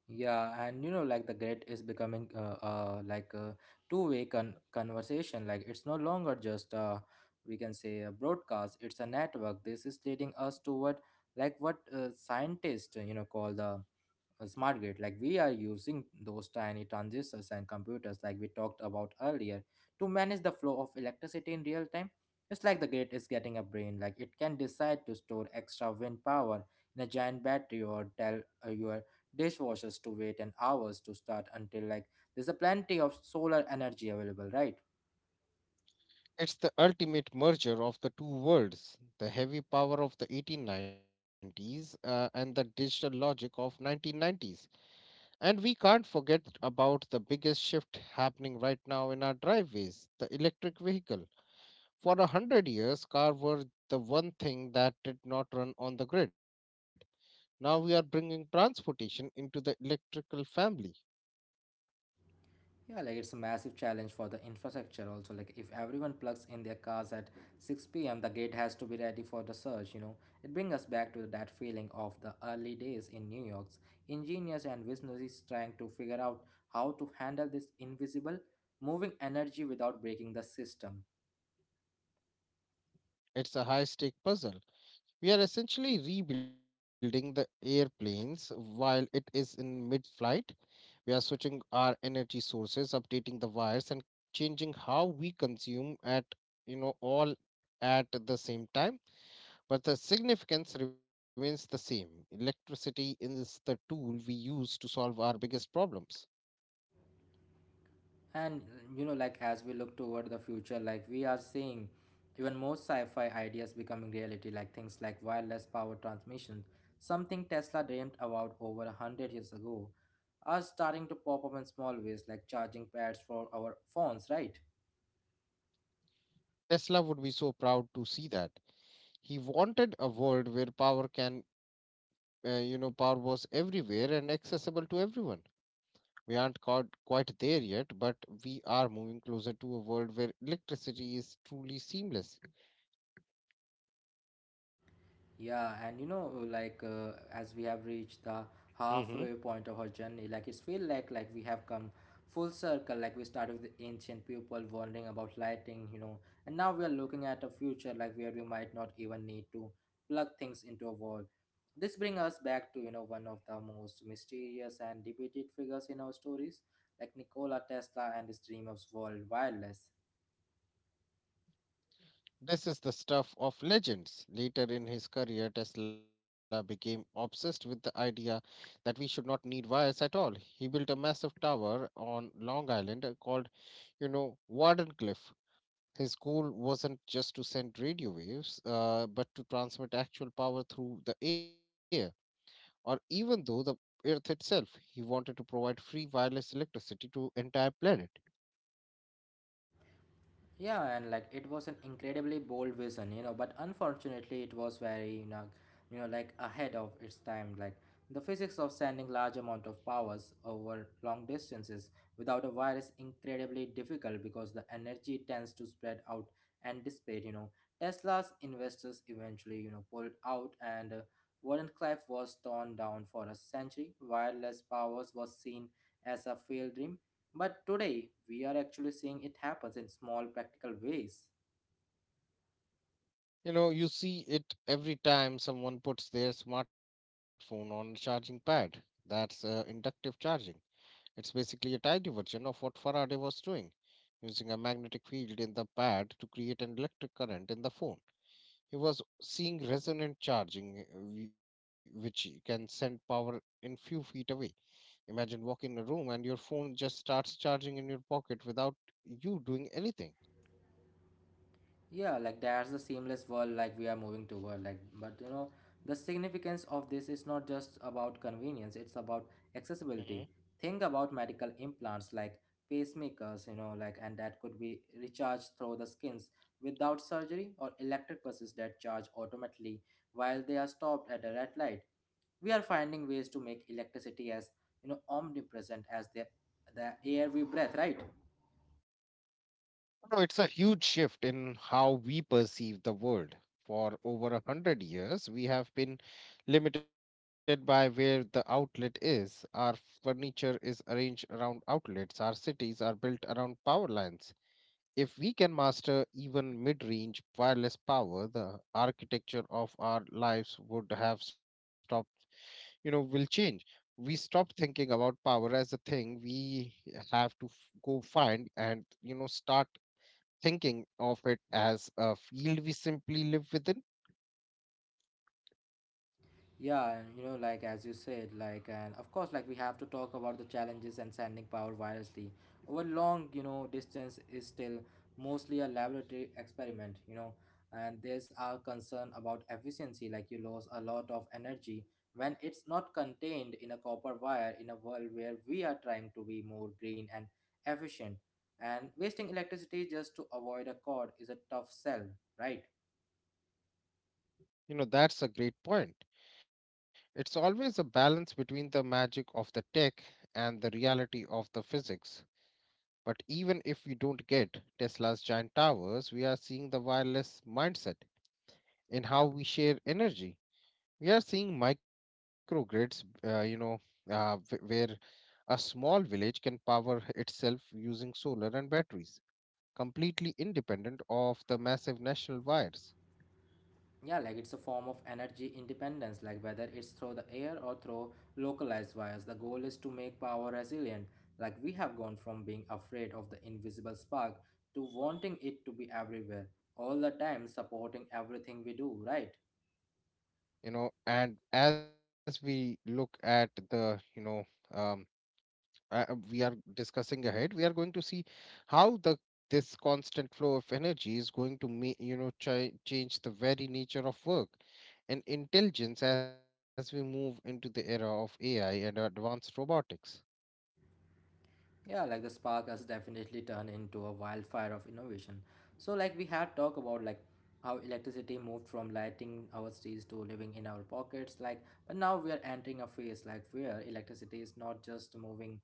Speaker 1: Yeah, like the grid is becoming like a conversation. Like it's no longer just we can say a broadcast. It's a network. This is leading us to what scientists call the a smart grid. Like we are using those tiny transistors and computers like we talked about earlier to manage the flow of electricity in real time. It's like the grid is getting a brain. Like it can decide to store extra wind power in a giant battery or tell your dishwashers to wait an hours to start until like there's a plenty of solar energy available, right?
Speaker 2: It's the ultimate merger of the two worlds: the heavy power of the 1890s and the digital logic of 1990s. And we can't forget about the biggest shift happening right now in our driveways: the electric vehicle. For a hundred years, cars were the one thing that did not run on the grid. Now we are bringing transportation into the electrical family.
Speaker 1: Yeah, like it's a massive challenge for the infrastructure also. Like if everyone plugs in their cars at 6 p.m., the grid has to be ready for the surge, you know. It brings us back to that feeling of the early days in New York's engineers and visionaries trying to figure out how to handle this invisible moving energy without breaking the system.
Speaker 2: It's a high stake puzzle. We are essentially rebuilding the airplanes while it is in mid flight. We are switching our energy sources, updating the wires, and changing how we consume at, all at the same time. But the significance remains the same. Electricity is the tool we use to solve our biggest problems.
Speaker 1: And like as we look toward the future, like we are seeing even more sci-fi ideas becoming reality, like things like wireless power transmission, something Tesla dreamed about over a hundred years ago, are starting to pop up in small ways, like charging pads for our phones, right?
Speaker 2: Tesla would be so proud to see that. He wanted a world where power can, you know, power was everywhere and accessible to everyone. We aren't quite there yet, but we are moving closer to a world where electricity is truly seamless.
Speaker 1: Yeah, like as we have reached the
Speaker 2: Hmm.
Speaker 1: halfway point of our journey, like it's feel like we have come full circle. Like we started with the ancient people wondering about lighting, you know, and now we are looking at a future like where we might not even need to plug things into a wall. This brings us back to one of the most mysterious and debated figures in our stories, like Nikola Tesla and his dream of world wireless.
Speaker 2: This is the stuff of legends. Later in his career, Tesla became obsessed with the idea that we should not need wires at all. He built a massive tower on Long Island, called, Wardenclyffe. His goal wasn't just to send radio waves, but to transmit actual power through the air, or even though the earth itself. He wanted to provide free wireless electricity to entire planet.
Speaker 1: Yeah, and like it was an incredibly bold vision, but unfortunately it was very, like ahead of its time. Like the physics of sending large amount of powers over long distances without a wire is incredibly difficult because the energy tends to spread out and dissipate, you know. Tesla's investors eventually, pulled out and Warren Cliff was torn down for a century. Wireless powers was seen as a failed dream, but today, we are actually seeing it happens in small practical ways.
Speaker 2: You see it every time someone puts their smartphone on a charging pad. That's inductive charging. It's basically a tiny version of what Faraday was doing, using a magnetic field in the pad to create an electric current in the phone. He was seeing resonant charging, which can send power in few feet away. Imagine walking in a room and your phone just starts charging in your pocket without you doing anything.
Speaker 1: Yeah, like that's the seamless world like we are moving toward. Like, but you know, the significance of this is not just about convenience, it's about
Speaker 2: Hmm.
Speaker 1: accessibility. Think about medical implants like pacemakers, you know, like, and that could be recharged through the skins without surgery, or electric buses that charge automatically while they are stopped at a red light. We are finding ways to make electricity as, you know, omnipresent as the air we breathe, right?
Speaker 2: No, it's a huge shift in how we perceive the world. For over a hundred years, we have been limited by where the outlet is. Our furniture is arranged around outlets. Our cities are built around power lines. If we can master even mid range wireless power, the architecture of our lives would have stopped, will change. We stop thinking about power as a thing we have to go find, and start thinking of it as a field we simply live within.
Speaker 1: Yeah, and, like as you said, like and of course, like we have to talk about the challenges and sending power wirelessly over long, distance is still mostly a laboratory experiment, you know, and there's our concern about efficiency, like you lose a lot of energy when it's not contained in a copper wire in a world where we are trying to be more green and efficient, and wasting electricity just to avoid a cord is a tough sell, right?
Speaker 2: That's a great point. It's always a balance between the magic of the tech and the reality of the physics. But even if we don't get Tesla's giant towers, we are seeing the wireless mindset in how we share energy. We are seeing microgrids, where a small village can power itself using solar and batteries, completely independent of the massive national wires.
Speaker 1: Yeah, like it's a form of energy independence. Like whether it's through the air or through localized wires, the goal is to make power resilient. Like we have gone from being afraid of the invisible spark to wanting it to be everywhere all the time, supporting everything we do, right?
Speaker 2: And as we look at the, um, we are discussing ahead, we are going to see how the this constant flow of energy is going to, change the very nature of work and intelligence as we move into the era of AI and advanced robotics.
Speaker 1: Yeah, like the spark has definitely turned into a wildfire of innovation. So like we have talked about like how electricity moved from lighting our streets to living in our pockets. Like but now we are entering a phase like where electricity is not just moving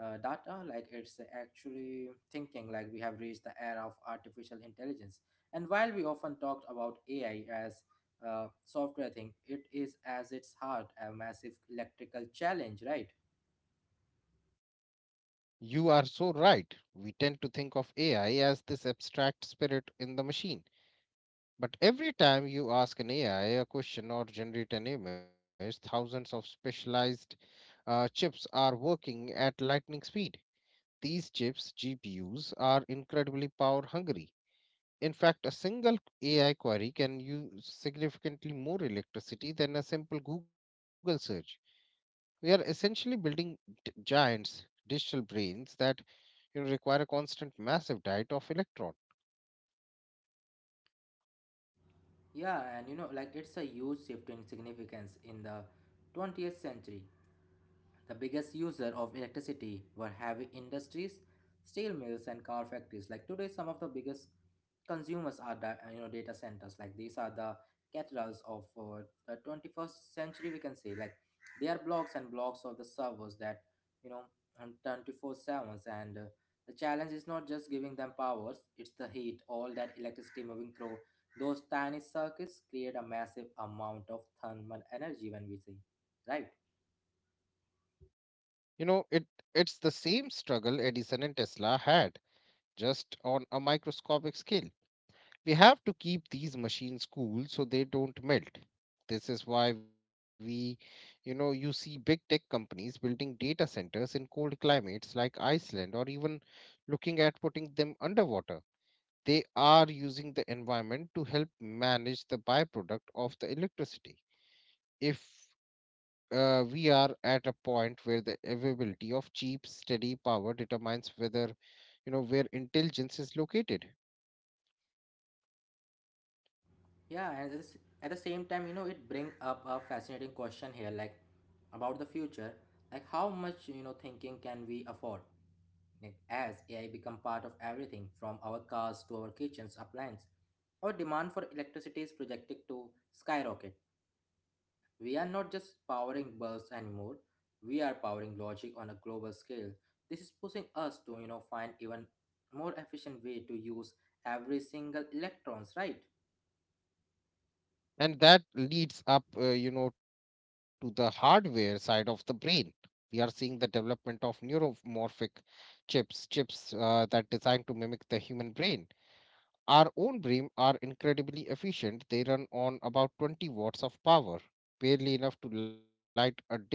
Speaker 1: data, like it's actually thinking. Like we have reached the era of artificial intelligence, and while we often talked about AI as software thing, it is as its heart a massive electrical challenge, right?
Speaker 2: You are so right. We tend to think of AI as this abstract spirit in the machine. But every time you ask an AI a question or generate an image, thousands of specialized chips are working at lightning speed. These chips, GPUs, are incredibly power hungry. In fact, a single AI query can use significantly more electricity than a simple Google search. We are essentially building giants digital brains that require a constant massive diet of electron.
Speaker 1: Yeah, and you know like it's a huge shift in significance in the 20th century. The biggest user of electricity were heavy industries, steel mills, and car factories. Like today, some of the biggest consumers are data centers. Like these are the cathedrals of the 21st century. We can say like they are blocks and blocks of the servers that you know on 24/7, and the challenge is not just giving them powers, it's the heat. All that electricity moving through those tiny circuits create a massive amount of thermal energy when we say, right?
Speaker 2: You know it it's the same struggle Edison and Tesla had, just on a microscopic scale. We have to keep these machines cool so they don't melt. This is why we you know you see big tech companies building data centers in cold climates like Iceland, or even looking at putting them underwater. They are using the environment to help manage the byproduct of the electricity. If we are at a point where the availability of cheap, steady power determines whether, where intelligence is located.
Speaker 1: Yeah, and at the at the same time, you know, it bring up a fascinating question here, like about the future, like how much thinking can we afford? Like, as AI become part of everything from our cars to our kitchens, appliances, our demand for electricity is projected to skyrocket. We are not just powering bulbs anymore; we are powering logic on a global scale. This is pushing us to find even more efficient way to use every single electrons, right?
Speaker 2: And that leads up, to the hardware side of the brain. We are seeing the development of neuromorphic chips, chips that designed to mimic the human brain. Our own BREEAM are incredibly efficient. They run on about 20 watts of power, barely enough to light a dim bulb,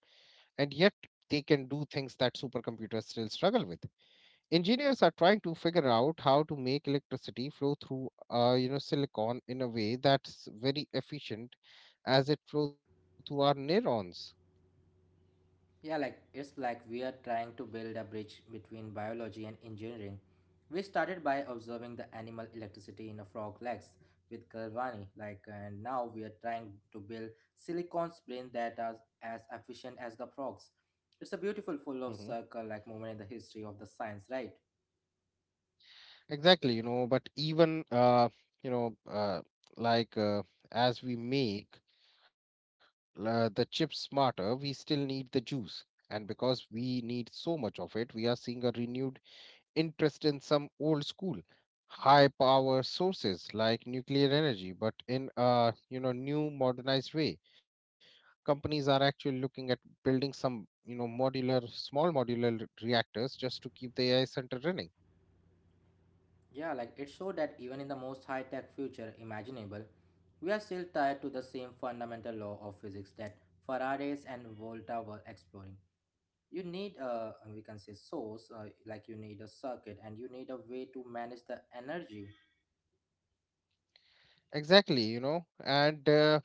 Speaker 2: and yet they can do things that supercomputers still struggle with. Engineers are trying to figure out how to make electricity flow through, silicon in a way that's very efficient as it flow through our neurons.
Speaker 1: Yeah, like it's like we are trying to build a bridge between biology and engineering. We started by observing the animal electricity in a frog legs with Galvani, like, and now we are trying to build silicon's brain that are as efficient as the frogs. It's a beautiful,
Speaker 2: Mm-hmm.
Speaker 1: full of circle like moment in the history of the science, right?
Speaker 2: Exactly, but even you know, uh, like uh, as we make the chips smarter, we still need the juice. And because we need so much of it, we are seeing a renewed interest in some old school high power sources like nuclear energy, but in a new modernized way. Companies are actually looking at building some modular small modular reactors just to keep the AI center running.
Speaker 1: Yeah, like it showed that even in the most high tech future imaginable, we are still tied to the same fundamental law of physics that Faradays and Volta were exploring. You need a, we can say, source, like you need a circuit, and you need a way to manage the energy.
Speaker 2: Exactly, and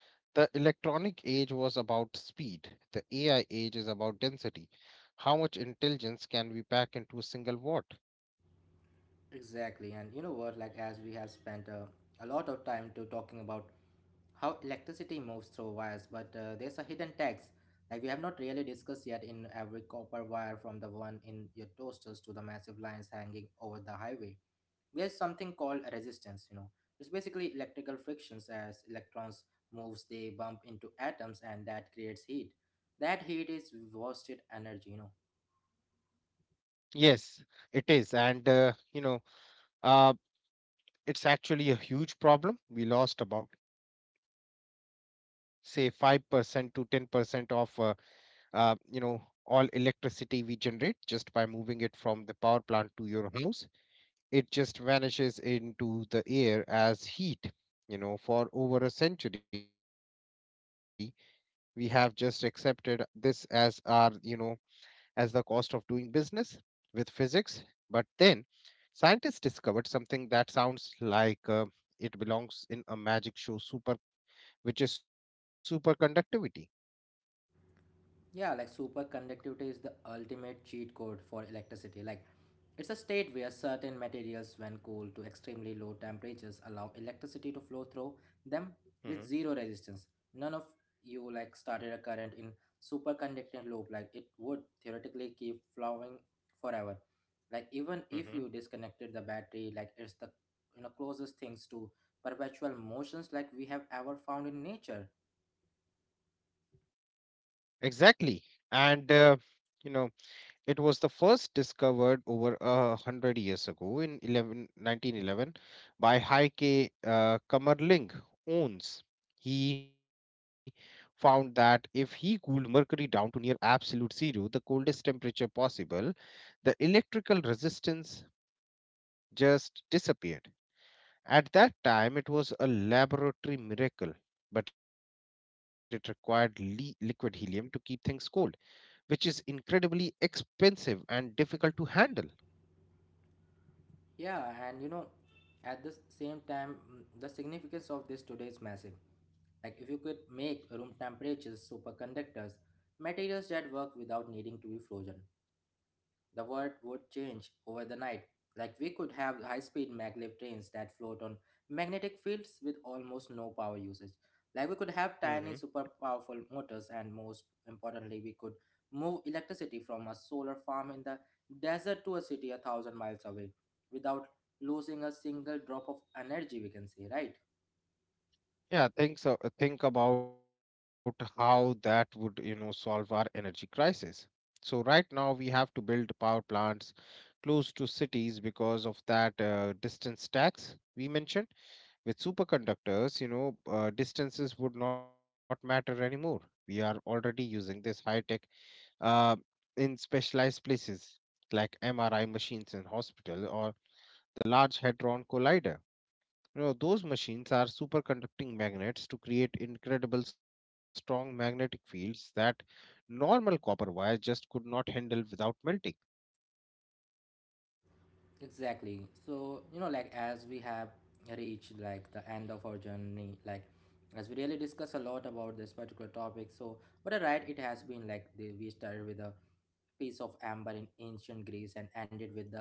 Speaker 2: the electronic age was about speed. The AI age is about density. How much intelligence can we pack into a single watt?
Speaker 1: Exactly, and you know what? Like as we have spent a lot of time to talking about how electricity moves through wires, but there's a hidden tax. Like we have not really discussed yet, in every copper wire from the one in your toasters to the massive lines hanging over the highway, there's something called a resistance. You know, it's basically electrical frictions. As electrons moves, they bump into atoms, and that creates heat. That heat is wasted energy, you know.
Speaker 2: Yes, it is. And uh, it's actually a huge problem. We lost about, say, 5% to 10% of uh, you know all electricity we generate just by moving it from the power plant to your house. It just vanishes into the air as heat. For over a century, we have just accepted this as our, as the cost of doing business with physics. But then scientists discovered something that sounds like, it belongs in a magic show, super which is superconductivity.
Speaker 1: Yeah, like superconductivity is the ultimate cheat code for electricity. Like, it's a state where certain materials, when cooled to extremely low temperatures, allow electricity to flow through them with zero
Speaker 2: Hmm.
Speaker 1: resistance. None of you like started a current in superconducting loop, like it would theoretically keep flowing forever. Like even if you
Speaker 2: Hmm.
Speaker 1: disconnected the battery, like it's the, you know, closest things to perpetual motions like we have ever found in nature.
Speaker 2: Exactly. And you know, it was the first discovered over a hundred years ago in 11 1911, by Heike Kammerling Ohns. He found that if he cooled mercury down to near absolute zero, the coldest temperature possible, the electrical resistance just disappeared. At that time, it was a laboratory miracle, but it required liquid helium to keep things cold, which is incredibly expensive and difficult to handle.
Speaker 1: Yeah, and you know, at the same time, the significance of this today is massive. Like, if you could make room temperatures superconductors, materials that work without needing to be frozen, the world would change over the night. Like we could have high-speed maglev trains that float on magnetic fields with almost no power usage. Like we could have
Speaker 2: Hmm.
Speaker 1: tiny super powerful motors, and most importantly we could move electricity from a solar farm in the desert to a city 1,000 miles away without losing a single drop of energy, we can say, right?
Speaker 2: Yeah, think so. Think about how that would, solve our energy crisis. So right now we have to build power plants close to cities because of that distance tax we mentioned. With superconductors, distances would not matter anymore. We are already using this high tech uh, in specialized places like MRI machines in hospital, or the Large Hadron Collider. Those machines are superconducting magnets to create incredible strong magnetic fields that normal copper wire just could not handle without melting.
Speaker 1: Exactly. So you know, like, as we have reached like the end of our journey, like as we really discuss a lot about this particular topic, so but all right, it has been like the, we started with a piece of amber in ancient Greece and ended with the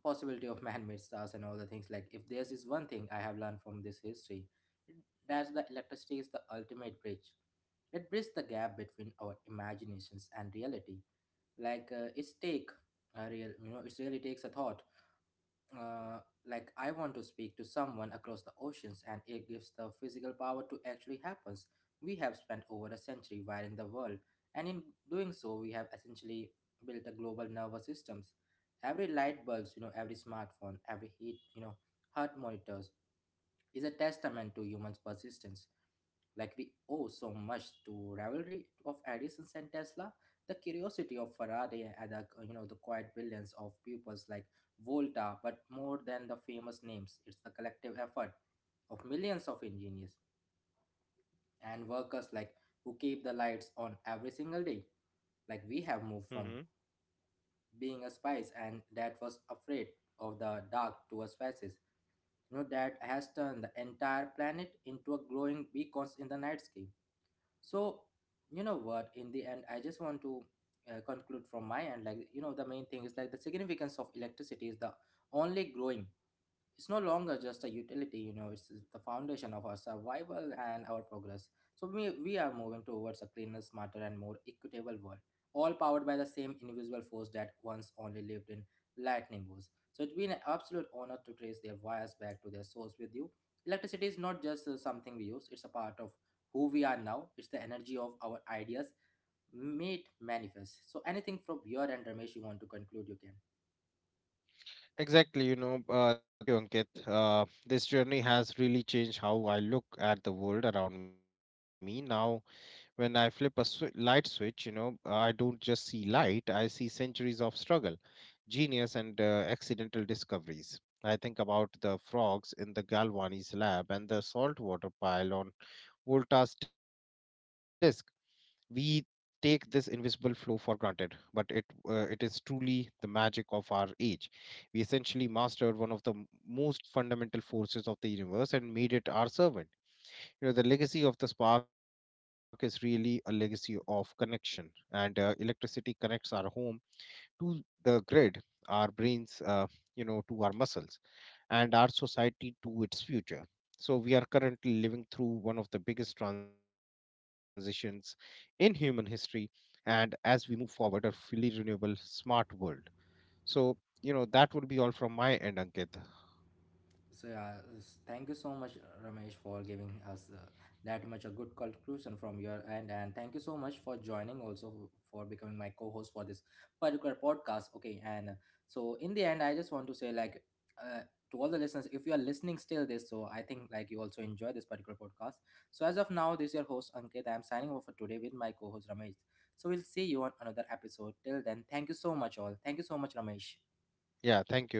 Speaker 1: possibility of man-made stars and all the things. Like if there's is one thing I have learned from this history, that's the electricity is the ultimate bridge. It bridges the gap between our imaginations and reality. Like it's take a real, it really takes a thought, uh, like I want to speak to someone across the oceans, and it gives the physical power to actually happens. We have spent over a century wiring the world, and in doing so we have essentially built a global nervous systems. Every light bulbs, you know, every smartphone, every heat, you know, heart monitors is a testament to humans' persistence. Like we owe so much to rivalry of Edison and Tesla, the curiosity of Faraday, and the you know, the quiet brilliance of pupils like Volta. But more than the famous names, it's the collective effort of millions of engineers and workers, like, who keep the lights on every single day. Like we have moved from
Speaker 2: Hmm.
Speaker 1: being a spice and that was afraid of the dark to a species, you know, that has turned the entire planet into a glowing beacons in the night sky. So, you know what? In the end, I just want to conclude from my end. Like, you know, the main thing is like the significance of electricity is the only growing. It's no longer just a utility, you know, it's the foundation of our survival and our progress. So we are moving towards a cleaner, smarter, and more equitable world, all powered by the same invisible force that once only lived in lightning bolts. So it's been an absolute honor to trace their wires back to their source with you. Electricity is not just something we use, it's a part of who we are now. It's the energy of our ideas made manifest. So anything from your end, Ramesh, you want to conclude, you can.
Speaker 2: Exactly. Thank you, Ankit. This journey has really changed how I look at the world around me. Now, when I flip a light switch, I don't just see light, I see centuries of struggle, genius, and accidental discoveries. I think about the frogs in the Galvani's lab and the saltwater pile on Volta's disk. We take this invisible flow for granted, but it is truly the magic of our age. We essentially mastered one of the most fundamental forces of the universe and made it our servant. The legacy of the spark is really a legacy of connection, and electricity connects our home to the grid, our brains, to our muscles, and our society to its future. So, we are currently living through one of the biggest transitions in human history, and as we move forward, a fully renewable, smart world. So, that would be all from my end, Ankit.
Speaker 1: So yeah, thank you so much, Ramesh, for giving us that much a good conclusion from your end, and thank you so much for joining, also for becoming my co-host for this particular podcast. Okay. And so in the end, I just want to say like uh, to all the listeners, if you are listening still this, so I think like you also enjoy this particular podcast. So as of now, this is your host Ankit. I am signing off for today with my co-host Ramesh. So we'll see you on another episode. Till then, thank you so much, all. Thank you so much, Ramesh.
Speaker 2: Yeah, thank you.